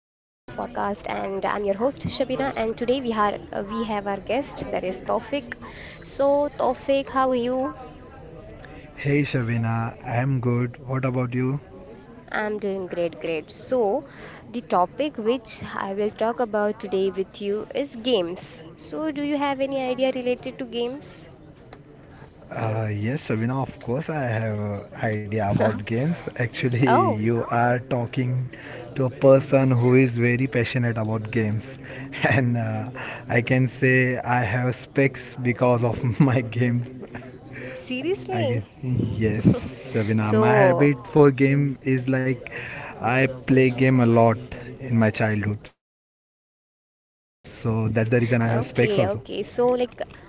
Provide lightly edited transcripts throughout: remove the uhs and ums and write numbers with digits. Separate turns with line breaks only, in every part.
and I'm your host Shabina. And today we have our guest that is Tofik. So Tofik, how are you?
Hey Shavina, I'm good. What about you?
I'm doing great, great. So the topic which I will talk about today with you is games. So do you have any idea related to games?
Yes, Shavina, of course, I have an idea about games. Actually,
Oh,
you are talking to a person who is very passionate about games, and I can say I have specs because of my games. I
seriously?
guess yes, Shavina. My
So,
habit for game is like I play game a lot in my childhood, so that's the reason I have
okay,
specs also.
okay.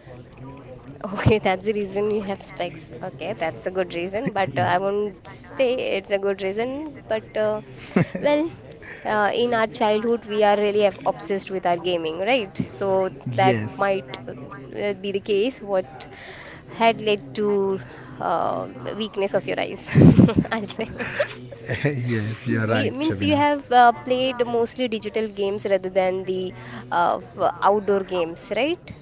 Okay, that's the reason you have specs. Okay, that's a good reason, but I
Yeah.
won't say it's a good reason. Well, in our childhood, we are really obsessed with our gaming, right? So that
Yes.
might uh, be the case. What had led to uh, weakness of your eyes, I'll say.
Yes, you're right,
Me means you
Shabina.
have played mostly digital games rather than the outdoor games, right?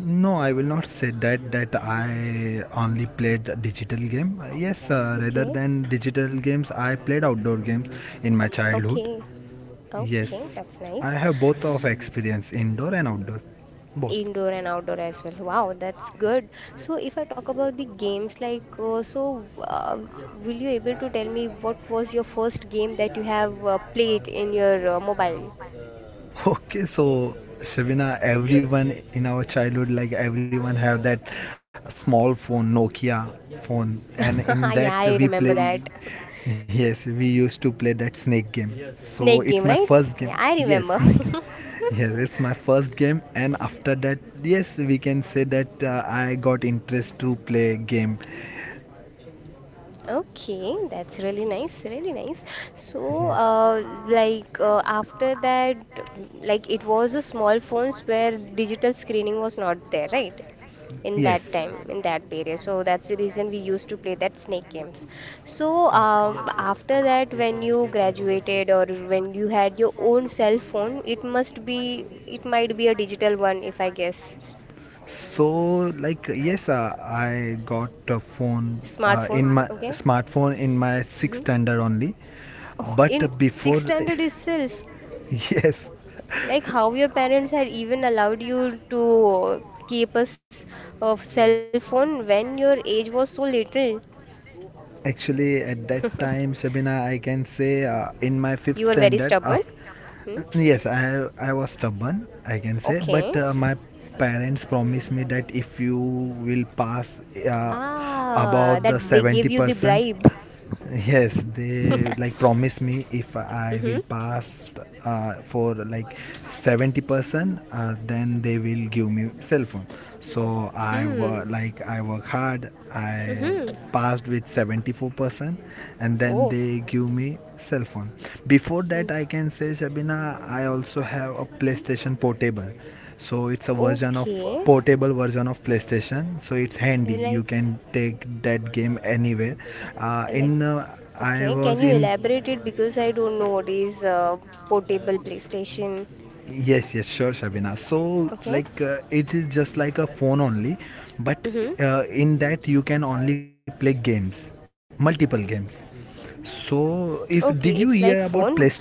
No, I will not say that I only played digital game. Yes, rather
Okay,
than digital games, I played outdoor games in my childhood.
okay.
Yes,
Okay, that's
I
nice.
have both of
S-
experience, indoor and outdoor, both.
Indoor and outdoor as well. Wow, that's good. So if I talk about the games, will you able to tell me what was your first game that you have played in your mobile?
Okay, so Shabina, everyone in our childhood, like everyone have that small phone, Nokia phone, and in
Yeah,
that
I
we
remember
play.
that.
Yes, we used to play that snake game.
Snake
So
game,
it's my
right?
first
Yeah,
game.
I
Yes,
remember.
snake game. Yes, it's my first game, and after that, yes, we can say that I got interest to play game.
Okay, that's really nice, really nice.
Yes,
After that, like it was a small phones where digital screening was not there, right? In
yes,
that time, in that period. So that's the reason we used to play that snake games. So,
perfect.
after that, when you graduated or when you had your own cell phone, it might be a digital one, if I guess.
So, like, yes, I got a phone in
Smartphone,
my
okay?
Smartphone. Smartphone in my sixth
Hmm.
standard only.
Oh, in
But before,
sixth standard itself.
yes,
Like how your parents had even allowed you to keep a cell phone when your age was so little.
actually, at that time, Shabina, I can say in my
You
fifth
were very
standard,
stubborn. Hmm?
yes, I was stubborn, I can say,
Okay.
but my parents promised me that if you will pass uh,
Ah,
about
that
the
they gave
seventy
you the
percent
bribe.
Yes, they like promise me if I
Mm-hmm.
will pass for like 70%. Then they will give me cell phone. So
Hmm.
I work hard. I
Mm-hmm.
passed with 74% and then
Oh.
they give me cell phone. Before that,
Mm.
I can say, Shabina, I also have a PlayStation Portable. So it's a version of
Okay.
portable version of PlayStation. So it's handy. You
Like,
can take that game anywhere
like,
in I
okay. Can
was
you
in
elaborate it because I don't know what is portable PlayStation.
yes, yes, sure, Shabina. So
Okay.
like, it is just like a phone only, but
Mm-hmm.
in that you can only play games, multiple games. So if did you
Okay,
hear
it's
about
like
playstation
phone.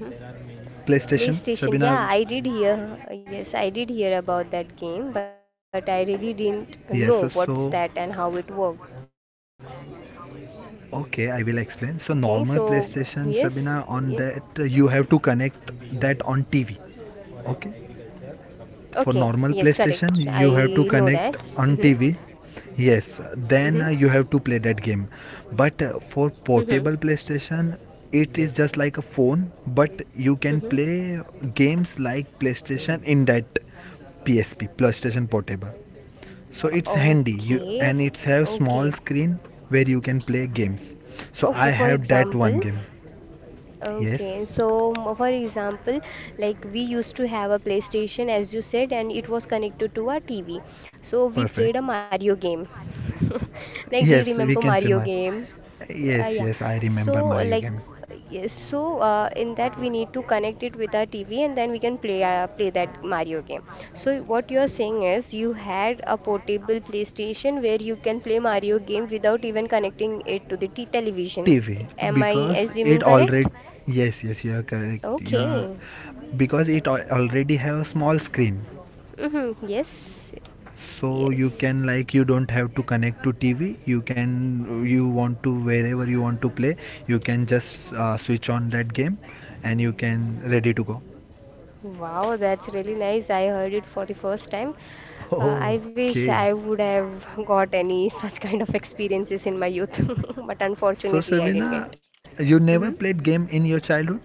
Mhm.
playstation Shabina?
PlayStation. Yeah, I did hear. Yes, I did hear about that game, but I really
Yes.
didn't
So
know what's that and how it works.
okay, I will explain. So normal
Okay,
PlayStation,
so
Sabina, on
yes.
that
Yeah.
you have to connect that on TV. Okay. For normal
Okay, yes,
PlayStation
correct.
you have to
I know
connect
that.
on
Mm-hmm.
TV. Yes, then you
Mm-hmm.
have to play that game. But for portable
Mm-hmm.
PlayStation, it is just like a phone, but you can
Mm-hmm.
play games like PlayStation in that. PSP, PlayStation Portable. So it's handy, you and
Okay.
it have small
Okay.
screen where you can play games. So I
Okay, for
have that one
example,
game. Yes,
For example, like we used to have a PlayStation, as you said, and it was connected to our TV. So we
perfect.
played a Mario game. Like, do
Yes,
you
we
remember
can say my—
Mario game?
yes,
Yeah.
yes, I remember
So
Mario
like
game.
yes, so in that we need to connect it with our TV and then we can play that Mario game. So what you are saying is you had a portable PlayStation where you can play Mario game without even connecting it to the t television.
TV,
Am I
because
assuming
it
correct?
already— yes, yes, you are correct. You're
Okay.
because it already have a small screen.
Hmm. Yes.
So you
Yes.
can, like, you don't have to connect to TV. You can you want to Wherever you want to play, you can just switch on that game and you can ready to go.
Wow, that's really nice. I heard it for the first time. I wish
Okay.
I would have got any such kind of experiences in my youth, but
So
unfortunately, I didn't get.
Sabina, you never
Hmm.
played game in your childhood?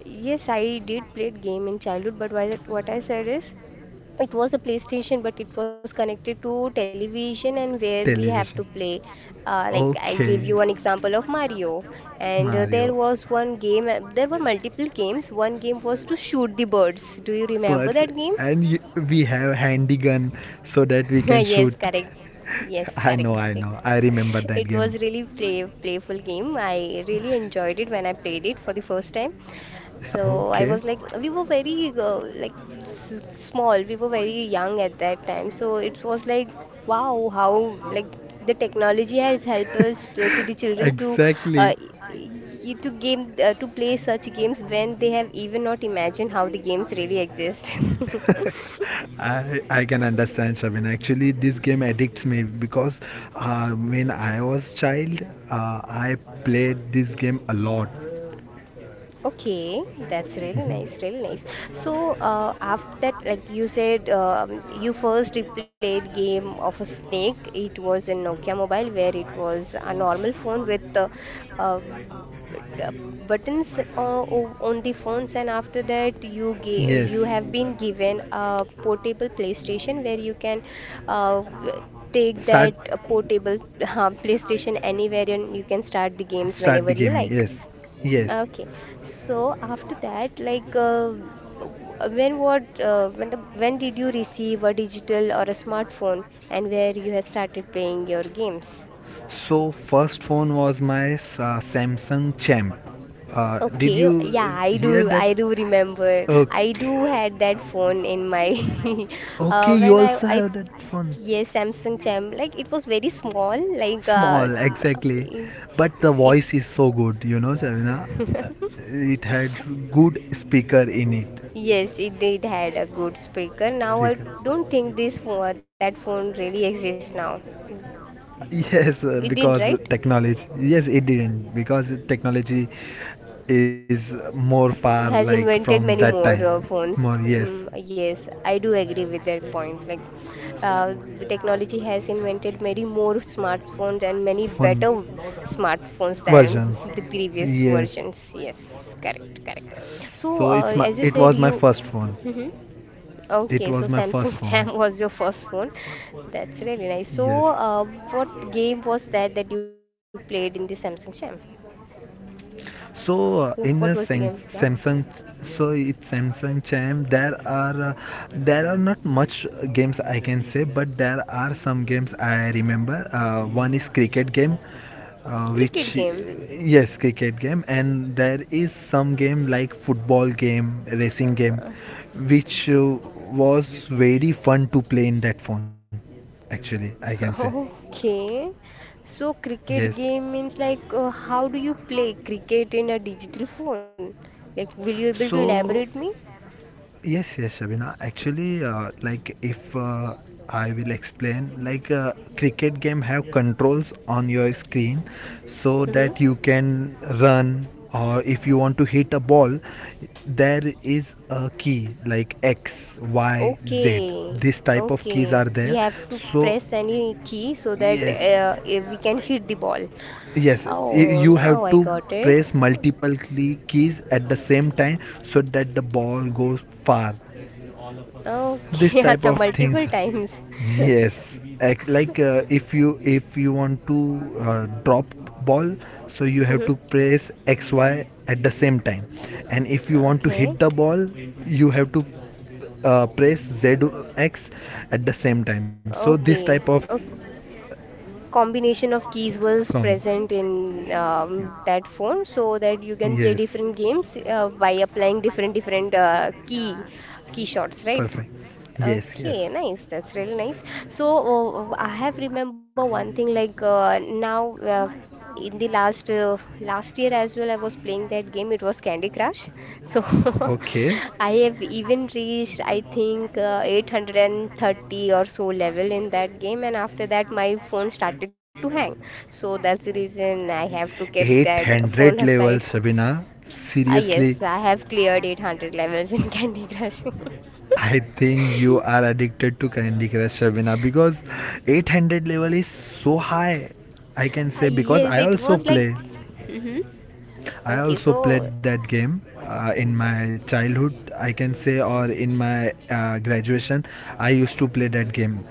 Yes, I did play game in childhood, but why that, what I said is it was a PlayStation, but it was connected to television and where we have to
Television.
play. Like I gave
Okay.
you an example of Mario, and
Mario.
there was one game. There were multiple games. One game was to shoot the birds. Do you remember
But
that game?
and y we have handy gun so that we can
Yes,
shoot.
correct. Yes,
I know,
correct,
I
correct.
know. I remember that
It
game.
was really playful game. I really enjoyed it when I played it for the first time. So I
Okay.
was like, we were very like s small. We were very young at that time. So it was like, wow, how like the technology has helped us to the children to uh,
Exactly.
y- y- to game to play such games when they have even not imagined how the games really exist.
I can understand Shabin. Actually, this game addicts me because when I was child, uh, I played this game a lot.
Okay, that's really nice, really nice.
Mm-hmm.
So, after that, like you said, you first replayed game of a snake. It was in Nokia mobile, where it was a normal phone with uh, b- uh, buttons on the phones, and after that,
Yes,
you have been given a portable PlayStation where you can uh, take
start
that portable PlayStation anywhere, and you can start the games
start
whenever
the
you
game.
like.
Yes, yes.
Okay, so after that, like, w- when what, when the, when did you receive a digital or a smartphone, and where you have started playing your games?
So first phone was my Samsung Champ. Did
Okay,
you
yeah,
hear that?
I do remember. I do
Okay.
had that phone in my,
Okay, you
when
also
I,
have that phone.
yes, Samsung Champ. Like, it was very small, like,
Small, exactly. But the
it
voice is so good, Shavina. It had good speaker in it.
Yes, it did had a good speaker. Now I
Speaker.
don't think that phone really exists now.
Yes,
It didn't,
because
right?
technology. Yes, it didn't because technology is more far
Has
like
invented
from
many
that
more
time. More,
phones.
yes,
Mm, yes, I do agree with that point. Like, the technology has invented many more smartphones and many
phone
better smartphones than
versions.
the previous
Yes.
versions. Yes, correct, correct. So,
So
as you
it
said,
was my
you.
first phone.
Mm-hmm.
It
Okay, so
was my first
Samsung
phone.
Jam was your first phone. That's really nice. So,
Yes.
what game was that that you played in the Samsung Jam?
So in the
What was the game? Yeah,
Samsung, so it's Samsung Cham. There are not much games, I can say, but there are some games I remember. One is cricket game,
cricket
which,
game.
yes, cricket game, and there is some game like football game, racing game,
Uh,
which was very fun to play in that phone, actually, I can say.
okay, so cricket
Yes.
game means how do you play cricket in a digital phone? Like, will you able to
So,
elaborate me?
yes, yes, Shabina. Actually, like if I will explain, like cricket game have controls on your screen so
Mm-hmm.
that you can run or if you want to hit a ball, there is a key like X, Y, Z.
Okay,
This type of keys
okay.
are
We
there.
have to
So,
press any key so that
yes.
we can hit the ball.
Yes,
Oh,
you have
now I
to
got it.
press multiple keys at the same time so that the ball goes far. This
Okay,
type
acha,
of things.
multiple times.
Yes, like if you want to drop ball, so you have to
Mhm.
press X Y at the same time, and if you want to hit
Okay.
the ball, you have to press Z X at the same time. So this type
Okay.
of—
A combination of keys was
Comedy.
present in that phone so that you can
Yes.
play different games by applying different different key shots,
Perfect.
right?
Yes, yes.
Okay, nice. That's really nice. So I have remember one thing like now. In the last year as well, I was playing that game. It was Candy Crush, so
Okay.
I have even reached, I think, 830 or so level in that game, and after that my phone started to hang, so that's the reason I have to keep that
800
phone
level,
aside.
Shabina.
Ah yes,
Seriously,
I have cleared 800 levels in Candy Crush.
I think you are addicted to Candy Crush, Shabina, because 800 level is so high. I can
Ah
say because
yes,
I
it
also
was like,
play.
hmm,
I
okay
also
so,
played that game in my childhood, I can say, or in my graduation. I used to play that game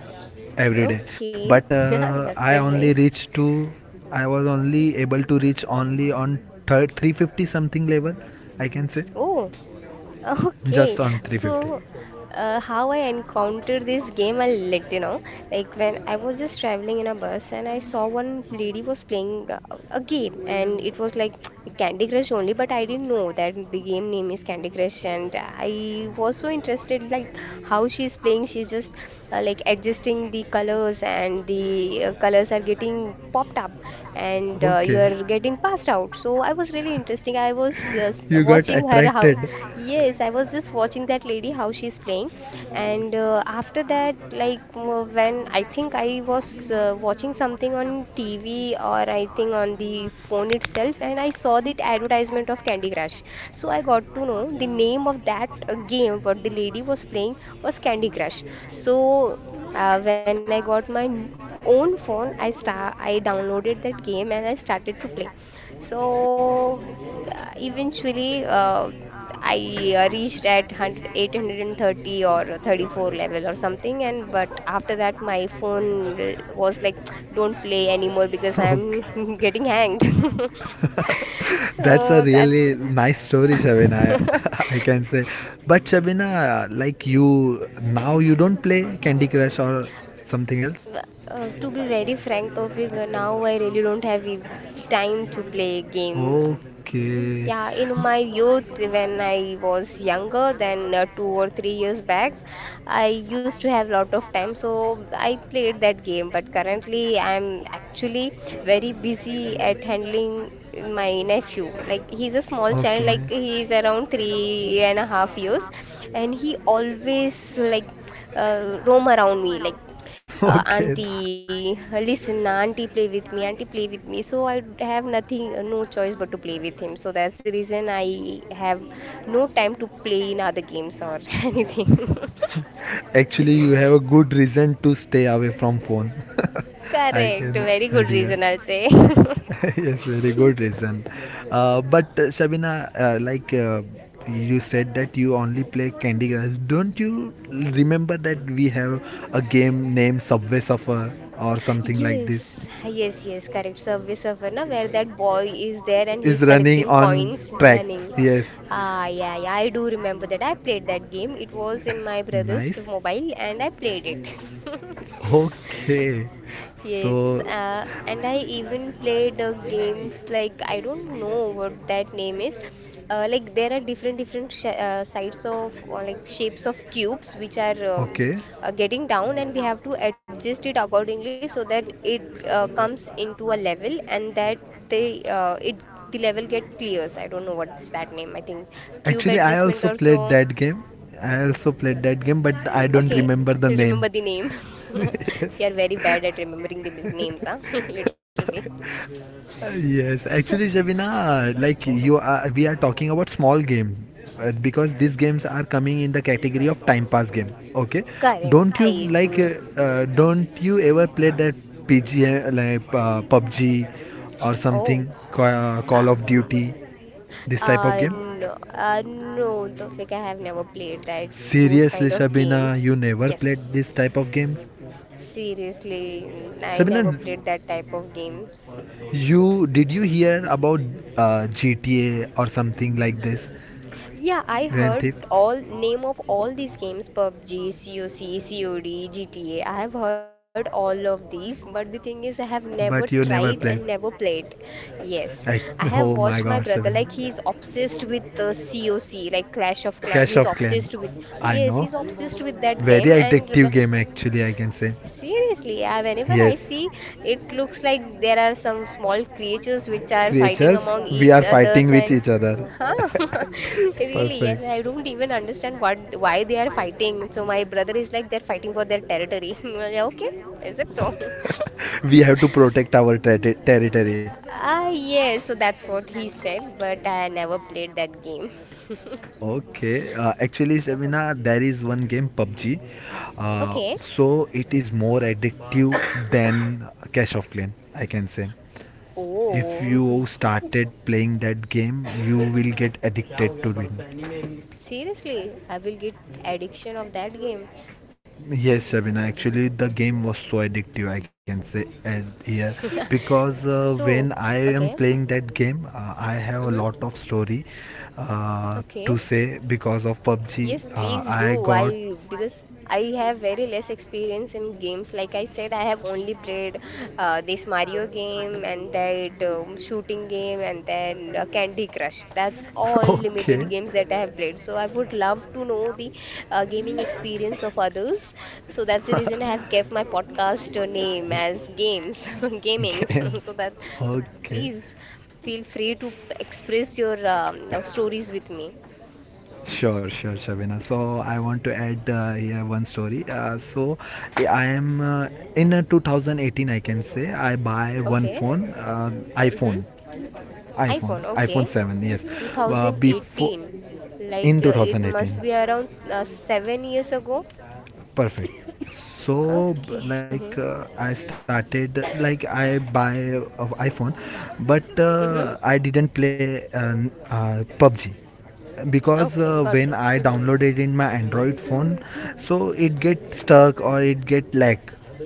every day,
okay.
but
That's really nice.
I was only able to reach only on third 350 something level, I can say.
Oh. Okay,
Just on 350.
so how I encountered this game, I'll let you know. Like when I was just traveling in a bus and I saw one lady was playing a game and it was like Candy Crush only, but I didn't know that the game name is Candy Crush, and I was so interested like how she's playing. She's just adjusting the colors, and the colors are getting popped up and you
Okay.
are getting passed out. So I was really interesting. I was
You got
watching her
attracted—
how. Yes, I was just watching that lady how she's playing, and after that, when I think I was watching something on TV or I think on the phone itself, and I saw the advertisement of Candy Crush. So I got to know the name of that game what the lady was playing was Candy Crush. So when I got my own phone, I downloaded that game and I started to play. So eventually I reached at eight
32,
hundred and thirty or
32,
34 level or
11.
something. And but after that, my phone was like, don't play anymore because
Okay.
I'm getting hanged.
That's a
So that's
really nice story, Shabina. I can say. But Shabina, like, you, now you don't play Candy Crush or something else?
to be very frank, Tofik, now I really don't have time to play game.
Okay.
Yeah, in my youth, when I was younger than 2 or 3 years back, I used to have a lot of time, so I played that game. But currently, I'm actually very busy at handling my nephew. Like, he's a small child, like,
Okay.
he's around three and a half years, and he always, like, roam around me. Like,
Okay.
auntie, listen, auntie play with me, auntie play with me, so I have nothing, no choice but to play with him. So that's the reason I have no time to play in other games or anything.
Actually, you have a good reason to stay away from phone. I
Correct,
can—
very good
idea.
reason, I'll say.
Yes, very good reason. But Shabina, like you said that you only play Candy Crush. Don't you remember that we have a game named Subway Surfer or something like
Yes,
this?
yes, yes, correct. Service of na, where that boy is there and
Is
he's
running
collecting
on
coins
tracks.
running.
Yes.
Ah, yeah, yeah, I do remember that. I played that game. It was in my brother's
Nice.
mobile and I played it.
Okay.
Yes,
So,
and I even played games like I don't know what that name is. Like there are different different sh sides of or like shapes of cubes which are
okay.
getting down, and we have to adjust it accordingly so that it comes into a level and that they uh, it the level get clears. I don't know what's that name. I think cube
Actually, I
adjustment
also
or
played
so.
that game. I also played that game, but I don't
Okay,
remember the name.
remember the name.
Yes.
We are very bad at remembering the names, huh? Literally.
Yes, actually, Shabina, like we are talking about small game because these games are coming in the category of time pass game. Okay,
Correct,
don't you
I
like?
do.
Don't you ever play that PG like PUBG or something,
Oh,
Call
uh,
of Duty, this type of game?
no, no, Tofik, I have never played that those
Seriously,
kind of
Shabina,
games.
you never played
Yes,
this type of games?
seriously, I
Shabina,
never played that type of games.
you did you hear about GTA or something like this?
Yeah, I
Grand Thief,
heard all name of all these games PUBG, COC, COD, GTA. I have heard all of these, but the thing is I have never
but you never
tried
played.
and never played. Yes, I have
Oh
watched
my
my
god,
brother
Seven.
like he's obsessed with COC, like Clash of Clan.
Clash
He's
of Clan.
obsessed with,
I
yes,
know.
he's obsessed with that game.
Very
And
addictive game, actually, I can say.
seriously, yeah, whenever I
Yes,
see it looks like there are some small creatures which are fighting
creatures,
among
we
each
are fighting
others
with
and
each other.
huh. Really, and
Perfect.
I don't even understand what why they are fighting. So my brother is like they're fighting for their territory. I'm like, okay, is that so?
We have to protect our territory.
Ah yes, so that's what he said, but I never played that game.
Okay. Actually, Shabina, there is one game, PUBG.
Okay.
So it is more addictive than Clash of Clan, I can say. If
Oh,
you
he-
started playing that game, you will get addicted to it.
Seriously, I will get addiction of that game.
Yes, Shabina, actually the game was so addictive, I can say, and here because
So,
when I
okay.
am playing that game, I have
Mm-hmm.
a lot of story uh,
Okay.
to say because of PUBG.
Yes, please do.
I got—
Why? Because I have very less experience in games. Like I said, I have only played this Mario game and that shooting game and then Candy Crush. That's all limited games that I have played. So I would love to know the gaming experience of others. So that's the reason I have kept my podcast name as Games, Gamings.
okay,
So that, so
okay, okay.
please feel free to express your stories with me.
Sure, sure, Shabina. So I want to add here one story. So I am in 2018, I can say, I buy one
Okay.
phone,
Mm-hmm.
iPhone, iPhone,
iPhone.
iPhone
Okay.
7. Yes, before
2018. Like
in
it must
2018,
be around 7 years ago.
perfect. So
Okay.
like I started like I buy of iPhone, but
Mm-hmm.
I didn't play PUBG, because
Okay. Got it.
when I
Mm-hmm.
download it in my Android phone, so it get stuck or it get lag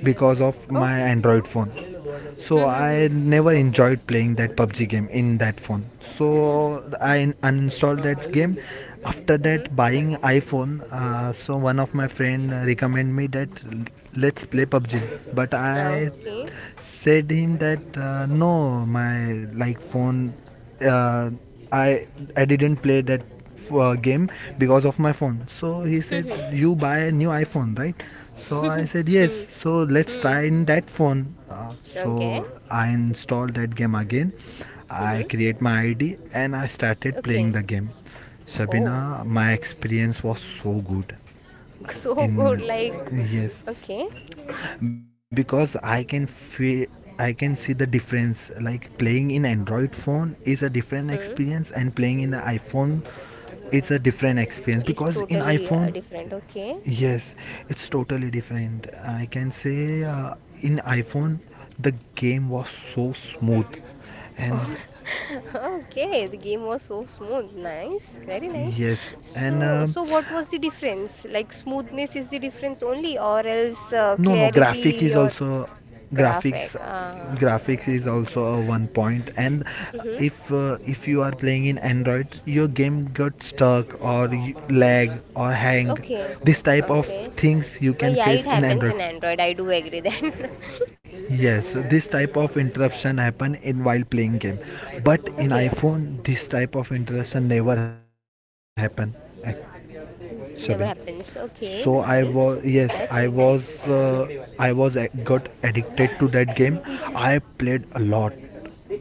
because of my
Okay.
Android phone. So
Mm-hmm.
I never enjoyed playing that PUBG game in that phone. So I uninstalled that game. After
Mm-hmm.
that buying iPhone, so one of my friend recommend me that let's play PUBG. But I
Okay.
said him that no, my like phone uh, i I didn't play that game because of my phone. So he said,
Mm-hmm.
you buy a new iPhone, right? So I said yes.
Hmm.
So let's
Hmm.
try in that phone, so
Okay.
I installed that game again. I
Mm-hmm.
create my ID and I started playing
Okay.
the game. Sabina,
Oh,
my experience was so good
so good.
in—
Like,
yes,
okay.
because I can see the difference. Like, playing in Android phone is a different
Hmm.
experience and playing in the iPhone, it's a different experience.
Is
Because in
totally
iPhone—
different. Okay.
yes, it's totally different, I can say. In iPhone, the game was so smooth, and
Oh, okay, the game was so smooth. Nice, very nice.
yes, and
So, so what was the difference? Like smoothness is the difference only, or else
no, no,
clarity or graphic?
graphics
Ah,
graphics is also a one point point. And
mm-hmm.
if you are playing in Android, your game got stuck or lag or hang.
Okay,
This type of
okay.
things you
Well,
can
yeah,
face
it
in
happens
Android.
in Android. I do agree then.
Yes, this type of interruption happen in while playing game, but in
Okay,
iPhone this type of interruption never happen. Ac-
mm, never
Shabina,
happens. Okay,
so I
nice.
was yes,
That's really nice.
I was a- got addicted to that game. I played a lot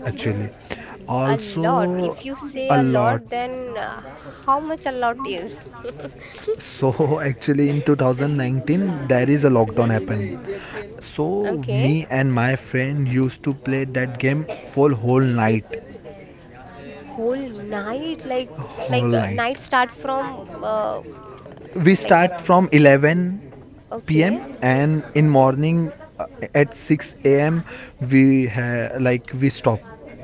actually.
A lot. If you
Also
say a
a
lot,
lot.
then how much a lot is?
So actually in 2019 there is a
Mm-hmm.
lockdown happened. So
Okay.
me and my friend used to play that game for whole night.
Whole night, like
Whole night.
night start from
We
like,
start from 11 p.m.
okay,
and in
okay.
morning uh, at 6 a.m. Like we stop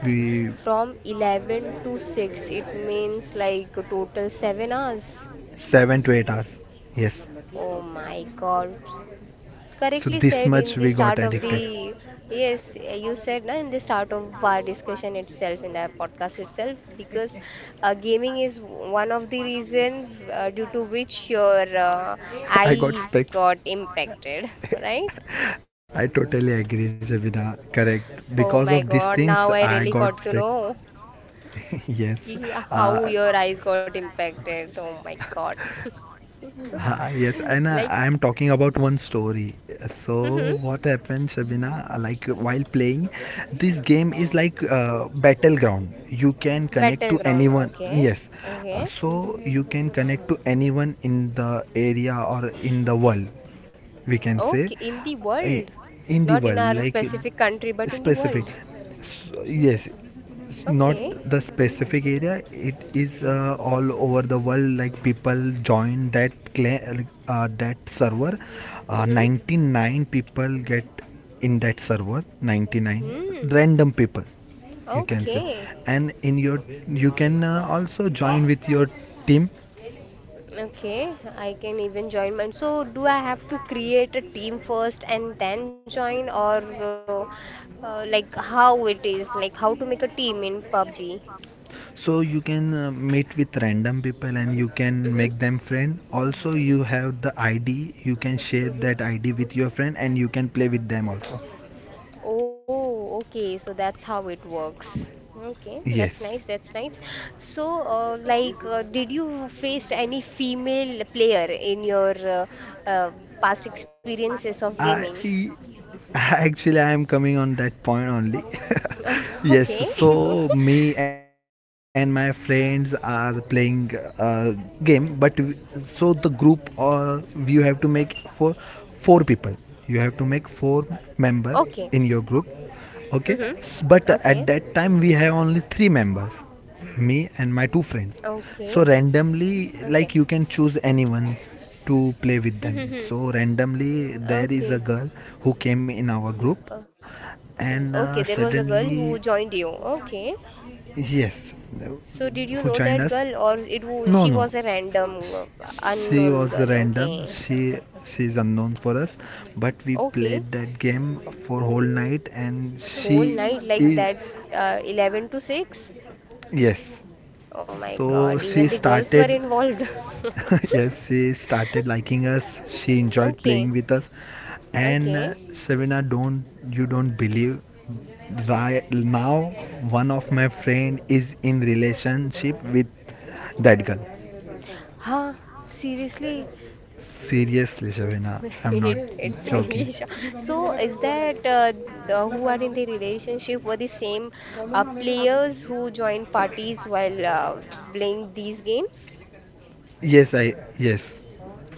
we
From 11 to 6, it means like a total 7 hours.
7 to 8 hours, yes.
Oh my God.
So
Correctly
this
said in
much
the
we got
start of
addicted.
the, yes, you said na, in the start of our discussion itself, in the podcast itself, because gaming is one of the reason due to which your
I got
eyes
specs.
got impacted, right?
I totally agree, Shabina. Correct,
Oh
because
my
of these
god,
things
now I really
I
got
got
to
specs.
know ki
Yes.
how your
uh,
eyes got impacted. Oh my god.
Ha, yes, and
Like
I'm talking about one story.
mhm.
So what happened, Shabina? Like while playing, this game is like battleground. You can connect to
Battleground,
anyone.
okay,
Yes,
okay.
so you can connect to anyone in the area or in the world, we can say.
Okay, in the
uh,
world,
in the
not in
world,
our
like
specific country, but in the
specific
world.
Yes, it's not
Okay.
the specific area, it is all over the world. Like people join that that server.
Mm-hmm.
99 people get in that server. 99
Hmm.
random people, you can say.
Okay.
And in your you can also join with your team.
Okay. I can even join mine. So, do I have to create a team first and then join, or like how it is, like how to make a team in PUBG?
So you can meet with random people and you can make
Mm-hmm.
them friend also. You have the ID, you can share that
Mm-hmm.
ID with your friend and you can play with them also.
Oh, okay. So that's how it works. Okay,
Yes.
that's nice. That's nice. So, like, did you faced any female player in your uh, past experiences of
I
gaming?
Actually, I am coming on that point only. Yes,
Okay.
so me and my friends are playing a game, but so the group or you have to make for four people. You have to make four
Okay.
member in your group.
Mm-hmm.
Okay,
Okay.
but at that time we have only three members, me and my two friends.
Okay.
So
Okay.
randomly, like you can choose anyone to play with
Mm-hmm.
them. So randomly,
Okay.
there is a girl who came in
Mm,
our
uh,
group, and
okay, there was a girl who
suddenly,
joined you. Okay.
yes,
So did you
who
know
joined
that
us?
girl or it
No,
she
no,
was a random
she
unknown
was
girl?
random.
Okay.
She's unknown for us, but we
Okay.
played that game for whole night, and she
Whole night like
is
that 11 to 6?
yes.
Oh my
So
God,
she
even the girls were
started.
involved.
Yes, she started liking us. She enjoyed playing
Okay.
with us. And
Okay.
Shavina, don't you don't believe? Right now, one of my friend is in relationship with that girl.
Huh, seriously?
Seriously,
Oh,
Savina, I'm not
it, it's really
joking.
sho. So is that the who are in the relationship were the same players who joined parties while playing these games?
Yes.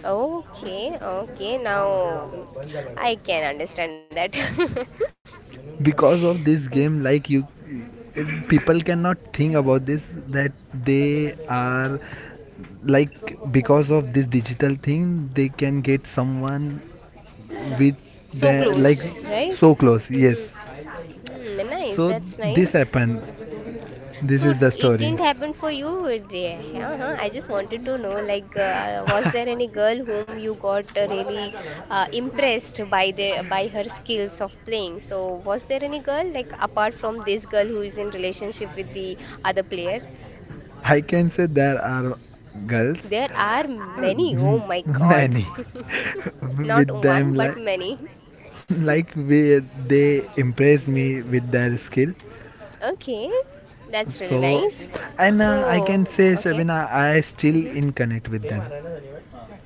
Okay, okay. Now I can understand that.
Because of this game, like people cannot think about this, that they are like because of this digital thing they can get someone with
So
the like
close, right?
so close, yes.
Hmm. Hmm, nice.
So
That's nice.
this happened. This
So
is the
it
story.
didn't happen for you. Yeah, uh-huh. I just wanted to know, like, was there any girl whom you got really impressed by the by her skills of playing? So was there any girl, like, apart from this girl who is in relationship with the other player?
I can say there are girls.
There are
uh,
many. Oh my God.
Many, with
Not one,
them,
but
like
many.
like we, they impress me with their skill.
Okay, that's really
So
nice.
and I
So,
can say,
okay.
Shabina, I still
Mm-hmm.
in connect with them.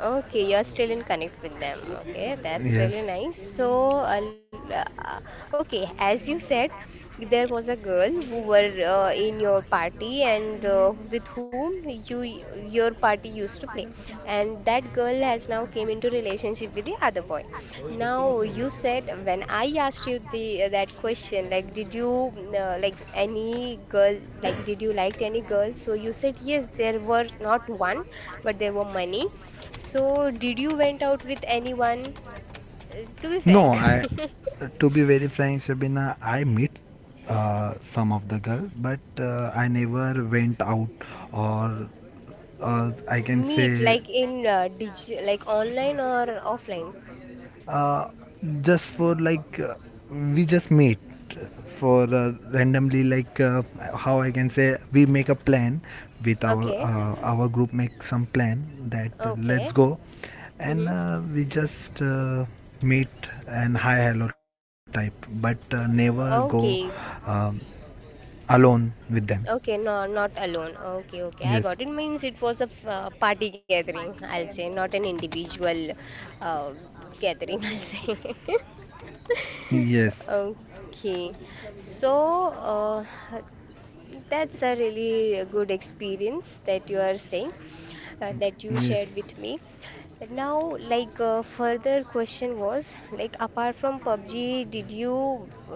Okay, you're still in connect with them. Okay, that's
Yes.
really nice. So, uh, okay, as you said, there was a girl who were in your party and with whom you your party used to play, and that girl has now came into relationship with the other boy. Now, you said when I asked you the that question, like, did you like any girl, like, did you liked any girl? So you said yes, there were not one, but there were many. So, did you went out with anyone? To be
no
frank,
I To be very frank, Shabina, I meet some of the girl, but I never went out or I can
meet
say,
like in dig like online or offline?
uh, just for like we just meet for randomly, like how I can say, we make a plan with our
Okay,
group, make some plan that let's
okay,
go. And
mm-hmm.
we just meet and hi hello type, but never go
Okay,
um, alone with them.
okay, no, not alone. Okay, okay, I got
Yes,
it. Means it was a party gathering, I'll say, not an individual uh, gathering, I'll say.
yes,
Okay, so uh, that's a really good experience that you are saying, that you shared
yes.
with me. Now, like further question was like apart from PUBG, did you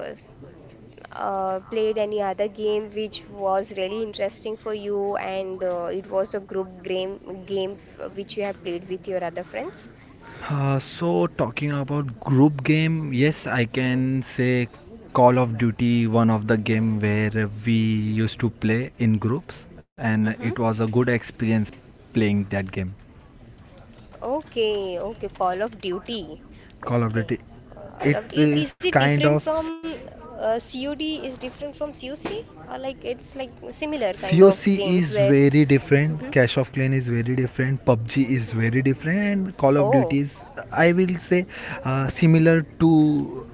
played any other game which was really interesting for you and it was a group game which you have played with your other friends?
So talking about group game, yes, I can say Call of Duty, one of the game where we used to play in groups, and
Mm-hmm.
it was a good experience playing that game.
Okay, okay, Call of Duty.
Call of
Okay,
Duty.
Call of,
It
is
is
it
kind
different
of
from COD? Is different from COC? Or like it's like similar kind of
COC
games
is
where?
very different, Clash of Clan is very different, PUBG is very different, and Call of
Oh,
Duty is, I will say, similar to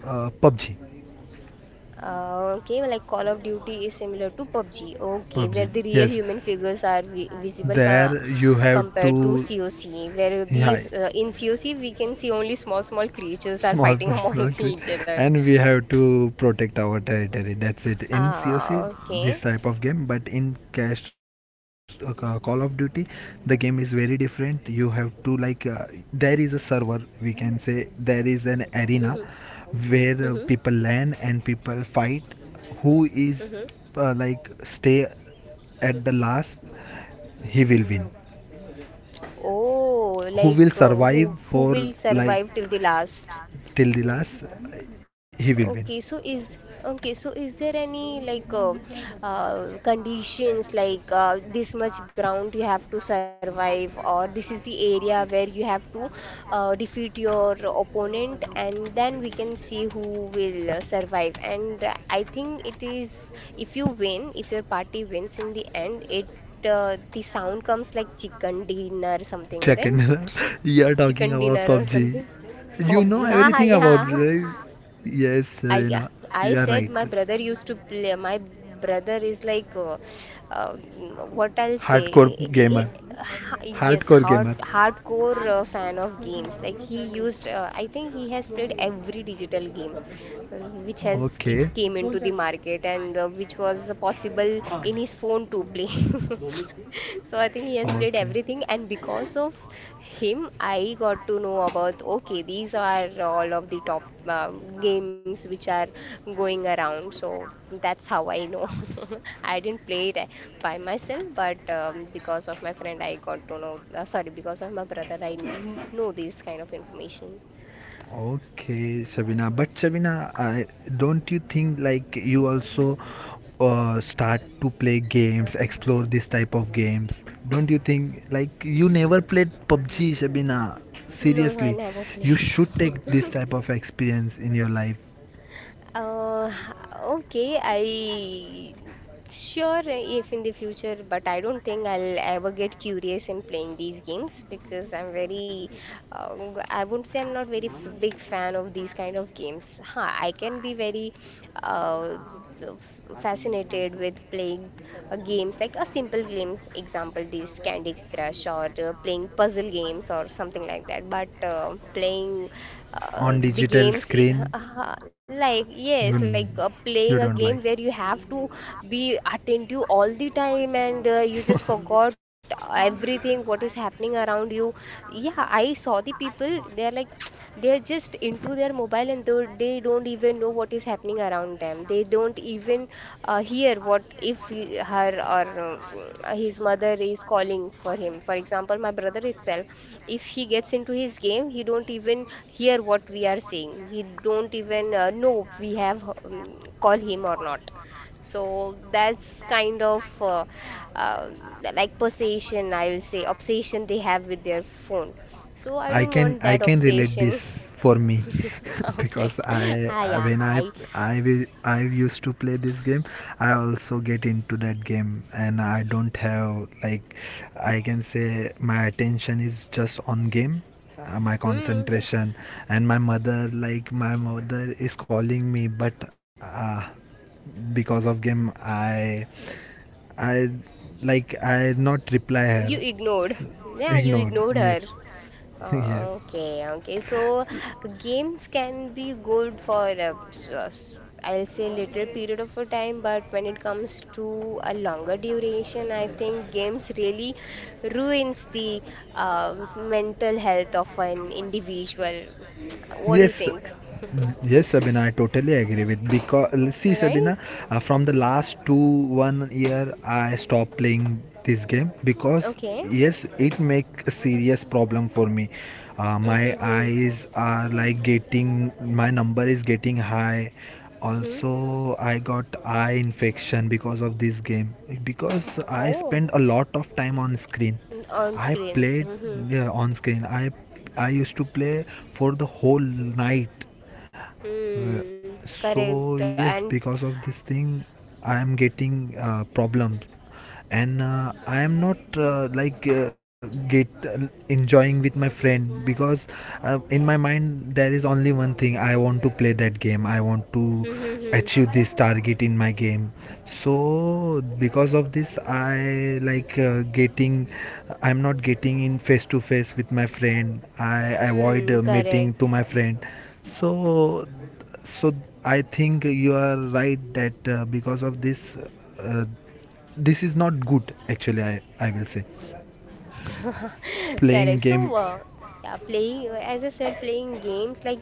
PUBG.
okay, well, like Call of Duty is similar to PUBG, okay, where
PUBG.
the real
Yes,
human figures are vi visible co
there you have
compared to
to.
COC, where the
Yeah,
in COC we can see only small, small creatures are
small
fighting
personal
amongst
quiz,
each other.
and we have to protect our territory. That's it. In COC,
Ah, okay.
this type of game. But in Call of Duty, the game is very different. You have to, like there is a server. We can say there is an
Mm-hmm.
arena where
Mm-hmm.
people land and people fight. Who is
Mm-hmm.
Like stay at the last, he will win.
Oh,
Who will
like
survive
who
for
will
like
survive till the last?
till the last, he will win.
Okay, so is okay, so is there any like conditions like this much ground you have to survive, or this is the area where you have to defeat your opponent, and then we can see who will survive. And I think it is if you win, if your party wins in the end, it the sound comes like chicken dinner something, right?
Second, you are talking
Chicken
about
dinner or
PUBG.
something.
You know
PUBG, yeah,
everything about
yeah.
it, right? Yes,
I Yeah,
Serena,
I
you are
said
right.
my brother used to play. My brother is like, what I'll say,
Hardcore gamer.
I- ha- yes,
Hardcore gamer.
hardcore fan of games. Like he used, I think he has played every digital game uh, which has
Okay,
came into the market and which was possible in his phone to play. So I think he has played
okay.
everything, and because of him, I got to know about, okay, these are all of the top games which are going around. So that's how I know. I didn't play it by myself, but because of my friend, I got to know. Sorry, because of my brother, I know this kind of information.
Okay, Sabina. But Sabina, don't you think like you also start to play games, explore this type of games? Don't you think like you never played PUBG, Sabina?
No, I
Seriously,
never
you
played.
should take this type of experience in your life
Uh, okay, I sure, if in the future, but I don't think I'll ever get curious in playing these games because I'm very, I wouldn't say I'm not very f big fan of these kind of games. Huh, I can be very uh, f fascinated with playing games like a simple games, example, this Candy Crush or playing puzzle games or something like that. But playing uh,
on
the
digital
games,
screen.
i- like yes,
You
like
you
playing a
don't
game
like.
where you have to be attentive all the time and you just forgot everything what is happening around you. Yeah, I saw the people, they are like they're just into their mobile and though they don't even know what is happening around them. They don't even hear what if her or his mother is calling for him. For example, my brother itself, if he gets into his game, he don't even hear what we are saying. He don't even know we have call him or not. So that's kind of uh, like possession, I will say, obsession they have with their phone. So I don't want
I
that
can relate this
obsession.
for me.
Okay.
Because I,
Ah,
I
yeah,
when I
hi.
I will I used to play this game, I also get into that game, and I don't have like, I can say my attention is just on game, my
Hmm.
concentration. And my mother, my mother is calling me, but because of game I like I not reply
You
her.
ignored. Yeah, you
Ignored,
ignored her.
yes. Yes.
Okay, okay. So games can be good for I'll say little period of a time, but when it comes to a longer duration, I think games really ruins the mental health of an individual. What do you
Yes,
think?
yes, Sabina, I totally agree with. Because see, Sabina,
Right?
from the last two one year, I stopped playing this game. Because
Okay.
yes, it make a serious problem for me. My
Mm-hmm.
eyes are like getting, my number is getting high.
Hmm.
Also, I got eye infection because of this game, because I
Oh,
spend a lot of time on screen.
on
I
screens.
played
Mm-hmm.
Yeah, on screen. I used to play for the whole night. uh,
Mm, correct.
so yes,
And
because of this thing, I am getting problems. And I am not get enjoying with my friend. Because in my mind there is only one thing, I want to play that game, I want to
mm-hmm.
achieve this target in my game. So because of this, I like getting, I'm not getting in face to face with my friend. I avoid
Mm,
meeting
correct.
to my friend. so, so I think you are right that because of this, uh, this is not good. Actually, I will say
Correct.
playing
So,
game.
yeah, playing, as I said, playing games, like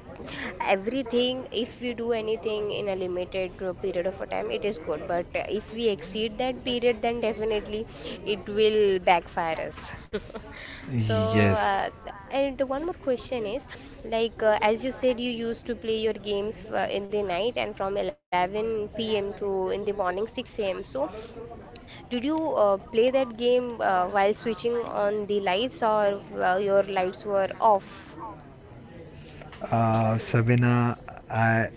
everything, if we do anything in a limited period of a time, it is good. But if we exceed that period, then definitely it will backfire us. So,
Yes,
and one more question is, like, as you said, you used to play your games f in the night and from 11 p.m. to in the morning 6 a.m. So, did you play that game while switching on the lights or your lights were off?
Shavina, I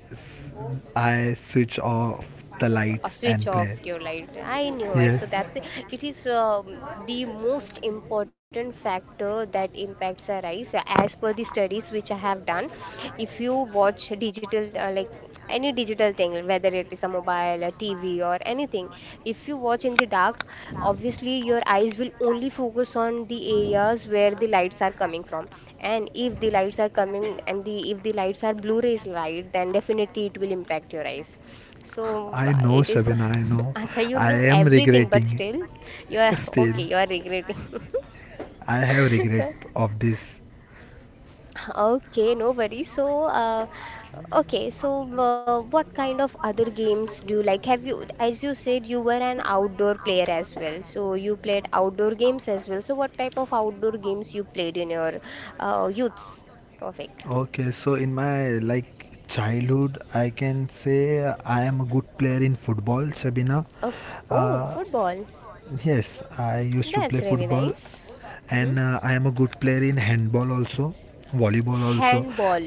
I switch off the
Or
lights
switch
and
off
play.
your light. I knew it. So that's
Yes,
it. It is the most important factor that impacts our eyes. As per the studies which I have done, if you watch digital, like any digital thing, whether it is a mobile, a TV, or anything, if you watch in the dark, obviously your eyes will only focus on the areas where the lights are coming from. And if the lights are coming and the if the lights are blue rays light, then definitely it will impact your eyes. So
I know,
it is my.
Shavina. I know.
Acha, you
I
know
am
everything, but
regretting
still, you are
still.
okay. You are regretting.
I have regret of this.
Okay, no worries. So, okay, so what kind of other games do you like? Have you, as you said, you were an outdoor player as well. So you played outdoor games as well. So what type of outdoor games you played in your youths? Perfect.
Okay, so in my like childhood, I can say I am a good player in football, Sabina.
Oh, oh,
Uh,
football.
yes, I used to play
That's really
football,
nice.
and I am a good player in handball also, volleyball also.
Handball.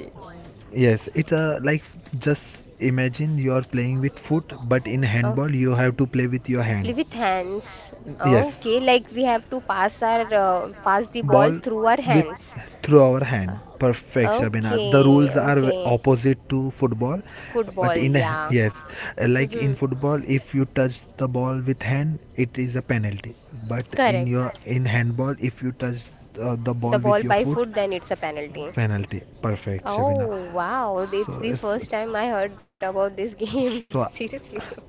Yes, it like, just imagine you are playing with foot, but in
Oh.
handball you have to play with your hand.
Live with hands.
Yes,
Okay, like we have to pass our pass the ball
ball
through our
with
hands.
through our hand.
Uh,
Perfect, Shabina. The
Okay,
rules are
okay.
opposite to football, but
Football,
in a,
yeah.
yes, like in
Hmm.
football, if you touch the ball with hand, it is a penalty. But in
Correct.
your in handball, if you touch the ball
The
with
ball
your
by
foot,
foot, then it's a penalty.
penalty. Perfect, Shabina.
Oh, wow. It's
So
the
it's
first time I heard about this game.
so
Seriously.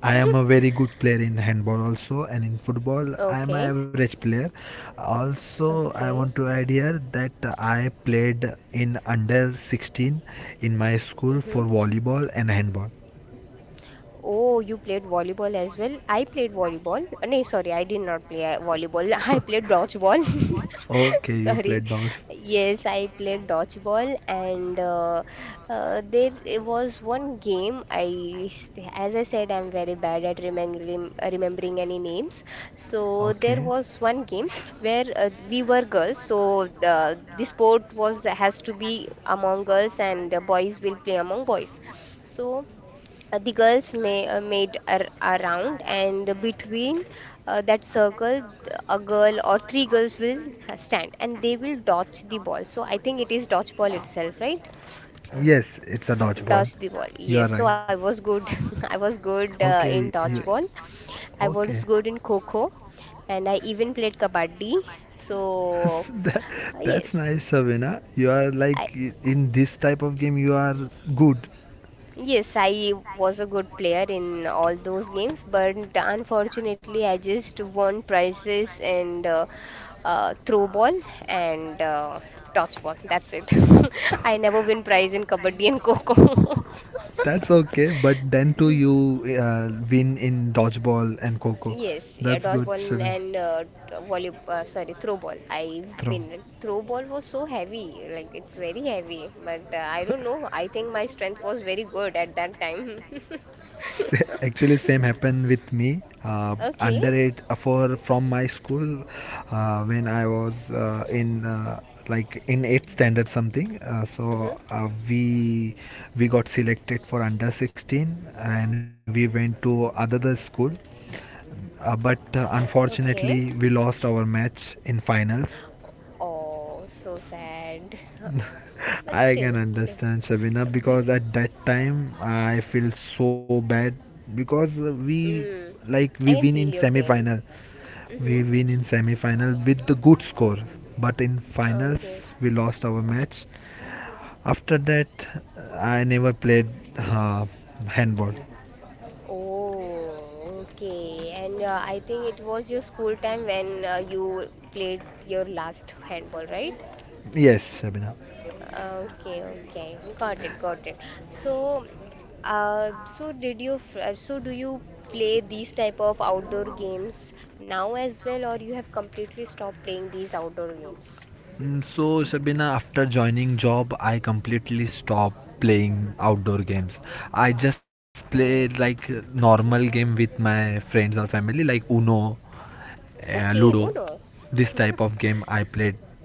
I am a very good player in handball also, and in football, I
Okay,
am an average player. Also, I
okay.
want to add here that I played in under 16 in my school
Mm-hmm.
for volleyball and handball.
Oh, you played volleyball as well? I played volleyball. No, sorry, I did not play volleyball. I played dodgeball.
Okay, you
Sorry.
played dodge.
Yes, I played dodgeball, and there it was one game. As I said, I'm very bad at remembering any names. So there
Okay.
was one game where we were girls, so the sport was has to be among girls, and boys will play among boys. So. The girls made a round, and between that circle, a girl or three girls will stand and they will dodge the ball. So I think it is dodge ball itself, right?
Yes, it's a dodgeball.
Dodge the ball.
You are
Yes,
right.
so I was good. I was good
Okay,
in
you,
dodgeball. I
okay.
was good in kho and I even played kabaddi. So,
That, that's
yes.
nice, Shavina. You are
I.
like in this type of game, you are good.
Yes, I was a good player in all those games, but unfortunately, I just won prizes and throw ball and touch ball. That's it. I never win prize in kabaddi and coco.
That's okay. But then too, you win in dodgeball and coco.
Yes, yeah,
That's good,
dodgeball
Shavina.
and sorry, throw ball. I
Throw.
win. Throw ball was so heavy, like it's very heavy. But I don't know. I think my strength was very good at that time.
Actually, same happened with me.
Okay.
Underage for from my school when I was in like in eighth standard something.
Hmm.
We got selected for under 16 and we went to another school. But
Okay.
Unfortunately, we lost our match in finals.
Oh, so sad. But
I
still,
can
they,
understand, Shabina,
b-
because at that time I feel so bad. Because we
mm,
like
I
we
can
win
feel your
in
pain.
semi-final.
Mm-hmm.
We win in semi-final with the good score, but in
Okay.
finals we lost our match. After that, I never played uh, handball.
Oh, okay. And I think it was your school time when you played your last handball, right?
Yes, Shabina.
Okay, okay. Got it, got it. So, so did so do you play these type of outdoor games now as well, or you have completely stopped playing these outdoor games?
Mm, So, Shabina, after joining job, I completely stopped playing outdoor games. I just
Oh,
play like normal game with my friends or family, like Uno,
okay, Uno.
Ludo. This type of game I played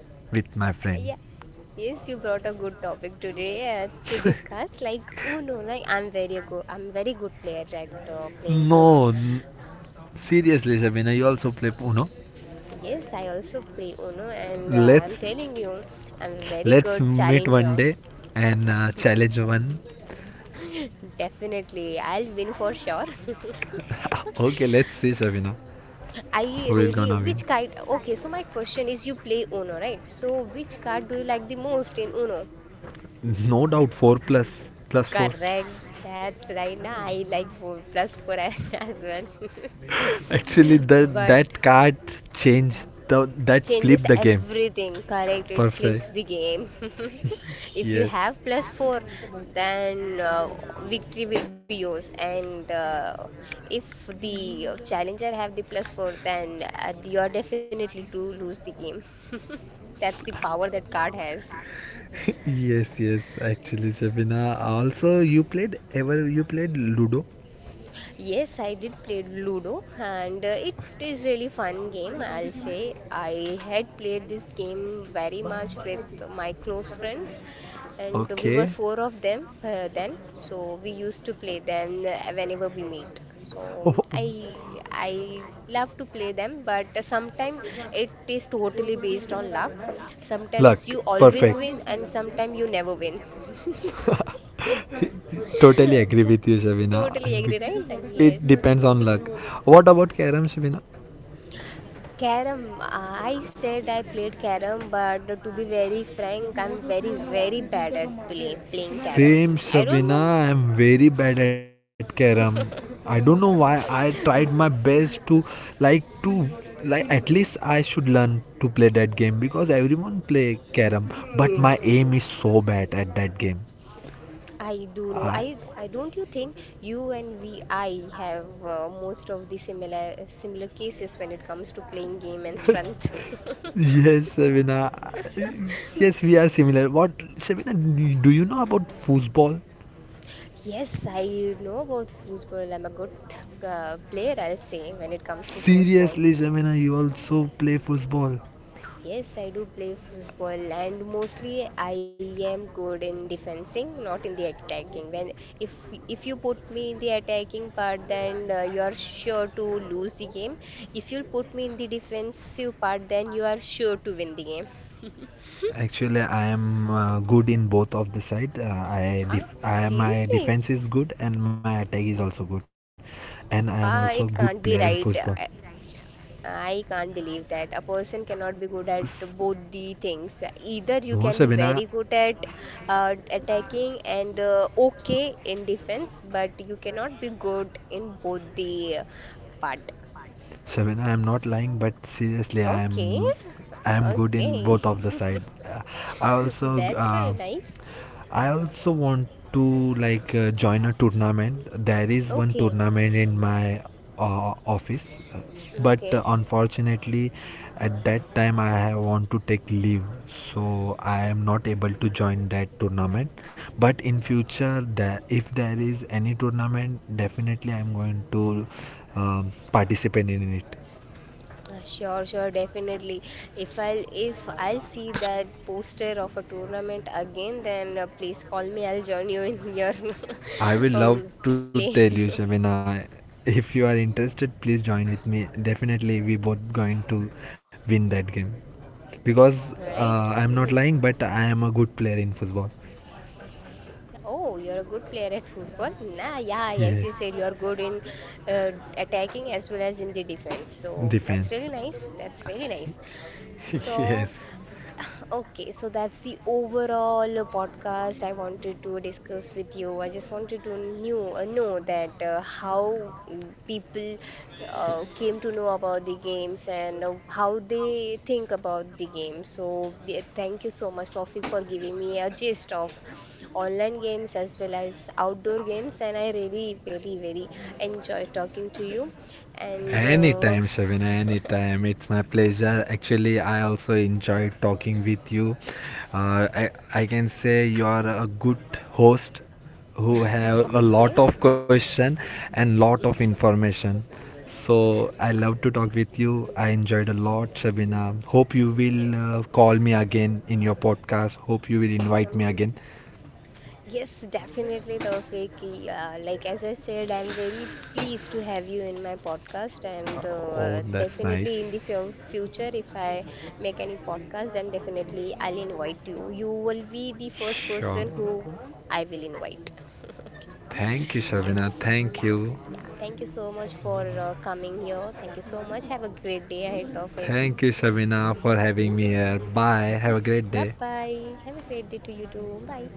with my
Yeah,
friend.
yes, you brought a good topic today to discuss. Like Uno, like I'm very good. I'm very good player at playing Uno.
No, n- seriously, Shabina, you also play Uno?
Yes, I also play Uno, and
Let's
I'm telling you, I'm a very
let's
good
meet one
challenger.
day and challenge one.
Definitely, I'll win for sure.
Okay, let's see, Shabina,
I
who will
really,
gonna win?
which card? Okay, so my question is, you play Uno, right? So which card do you like the most in Uno?
No doubt, four plus plus four.
Correct. That's right. Now I like four plus four as well.
Actually,
But
that card changed, the that
changes
flipped the game.
everything, correct. It flips
Perfect.
the game. If you
Yes.
have plus 4 then victory will be yours and if the challenger have the plus 4 then you are definitely to lose the game. That's the power that card has.
Yes, yes. Actually, Shabina. Also, you played Ludo?
Yes, I did play Ludo and it is really fun game, I'll say. I had played this game very much with my close friends and we were
Okay.
four of them then, so we used to play them whenever we meet. So
Oh,
I I love to play them, but sometimes it is totally based on luck. Sometimes
luck.
you always
Perfect.
win and sometimes you never win.
Totally agree with you, Shabina.
Totally agree, right?
It
Yes.
depends on luck. What about Karam, Shabina?
Carom, I said I played carom, but to be very frank, I'm very, very bad at playing
Same,
caroms. I don't know.
Shavina. I'm very bad at carom. I don't know why. I tried my best to like to like, at least I should learn to play that game, because everyone play carom. But my aim is so bad at that game.
I do know.
I,
I don't you think you and we, I have most of the similar cases when it comes to playing game and strength.
yes, Shavina. Yes, we are similar. What, Shavina? Do you know about football?
Yes, I know about foosball. I'm a good player, I'll say, when it comes to foosball.
Seriously, Shavina, you also play football.
Yes, I do play football and mostly I am good in defending, not in the attacking. When if you put me in the attacking part, then you are sure to lose the game. If you put me in the defensive part, then you are sure to win the game.
Actually, I am good in both of the side. I,
Ah,
def- I my
seriously?
defense is good and my attack is also good, and I am
Ah,
also a
it
good
can't be
player in
right.
football.
I can't believe that a person cannot be good at
S-
both the things. Either
No,
you can be
Shabina,
very good at attacking and okay in defense, but you cannot be good in both the part.
Shabina, I am not lying, but seriously, I
Okay,
am I am good in
okay,
both of the side. I also
that's really
uh,
nice.
I also want to join a tournament. There is one
Okay,
tournament in my office, uh, but
okay.
unfortunately, at that time I have want to take leave, so I am not able to join that tournament. But in future, there if there is any tournament, definitely I am going to participate in it.
Sure, sure, definitely. If I'll see that poster of a tournament again, then please call me. I'll join you in your
I would love
oh,
to
play.
tell you, Shamina. If you are interested, please join with me. Definitely, we both going to win that game, because
All right.
I'm not
Mhm.
lying, but I am a good player in football.
Oh, you're a good player at football. Nah, yeah, as
Yes,
you said, you're good in uh, attacking as well as in the defense. So
defense.
that's really nice. That's really nice. So.
Yes.
Okay, so that's the overall podcast I wanted to discuss with you. I just wanted to know that how mm, people came to know about the games and how they think about the game. So yeah, thank you so much, Tawfiq, for giving me a gist of online games as well as outdoor games. And I really, very, very enjoy talking to you. And
Anytime, Shavin, anytime. It's my pleasure. Actually, I also enjoyed talking with you. I can say you are a good host who have a lot
okay.
of question and lot of information. So I love to talk with you. I enjoyed a lot, Shabina. Hope you will
Okay.
call me again in your podcast. Hope you will invite me again.
Yes, definitely, Tawfiq. Yeah, like as I said, I'm very pleased to have you in my podcast, and
Oh, that's nice.
definitely in the future, if I make any podcast, then definitely I'll invite you. You will be the first
Sure.
person who I will invite.
Thank you, Shabina.
Yes,
Thank
yeah,
you.
yeah. Thank you so much for coming here. Thank you so much. Have a great day ahead, Tawfiq.
Thank you, Shabina, for having me here. Bye. Have a great
Bye
day.
bye. Have a great day to you too. Bye.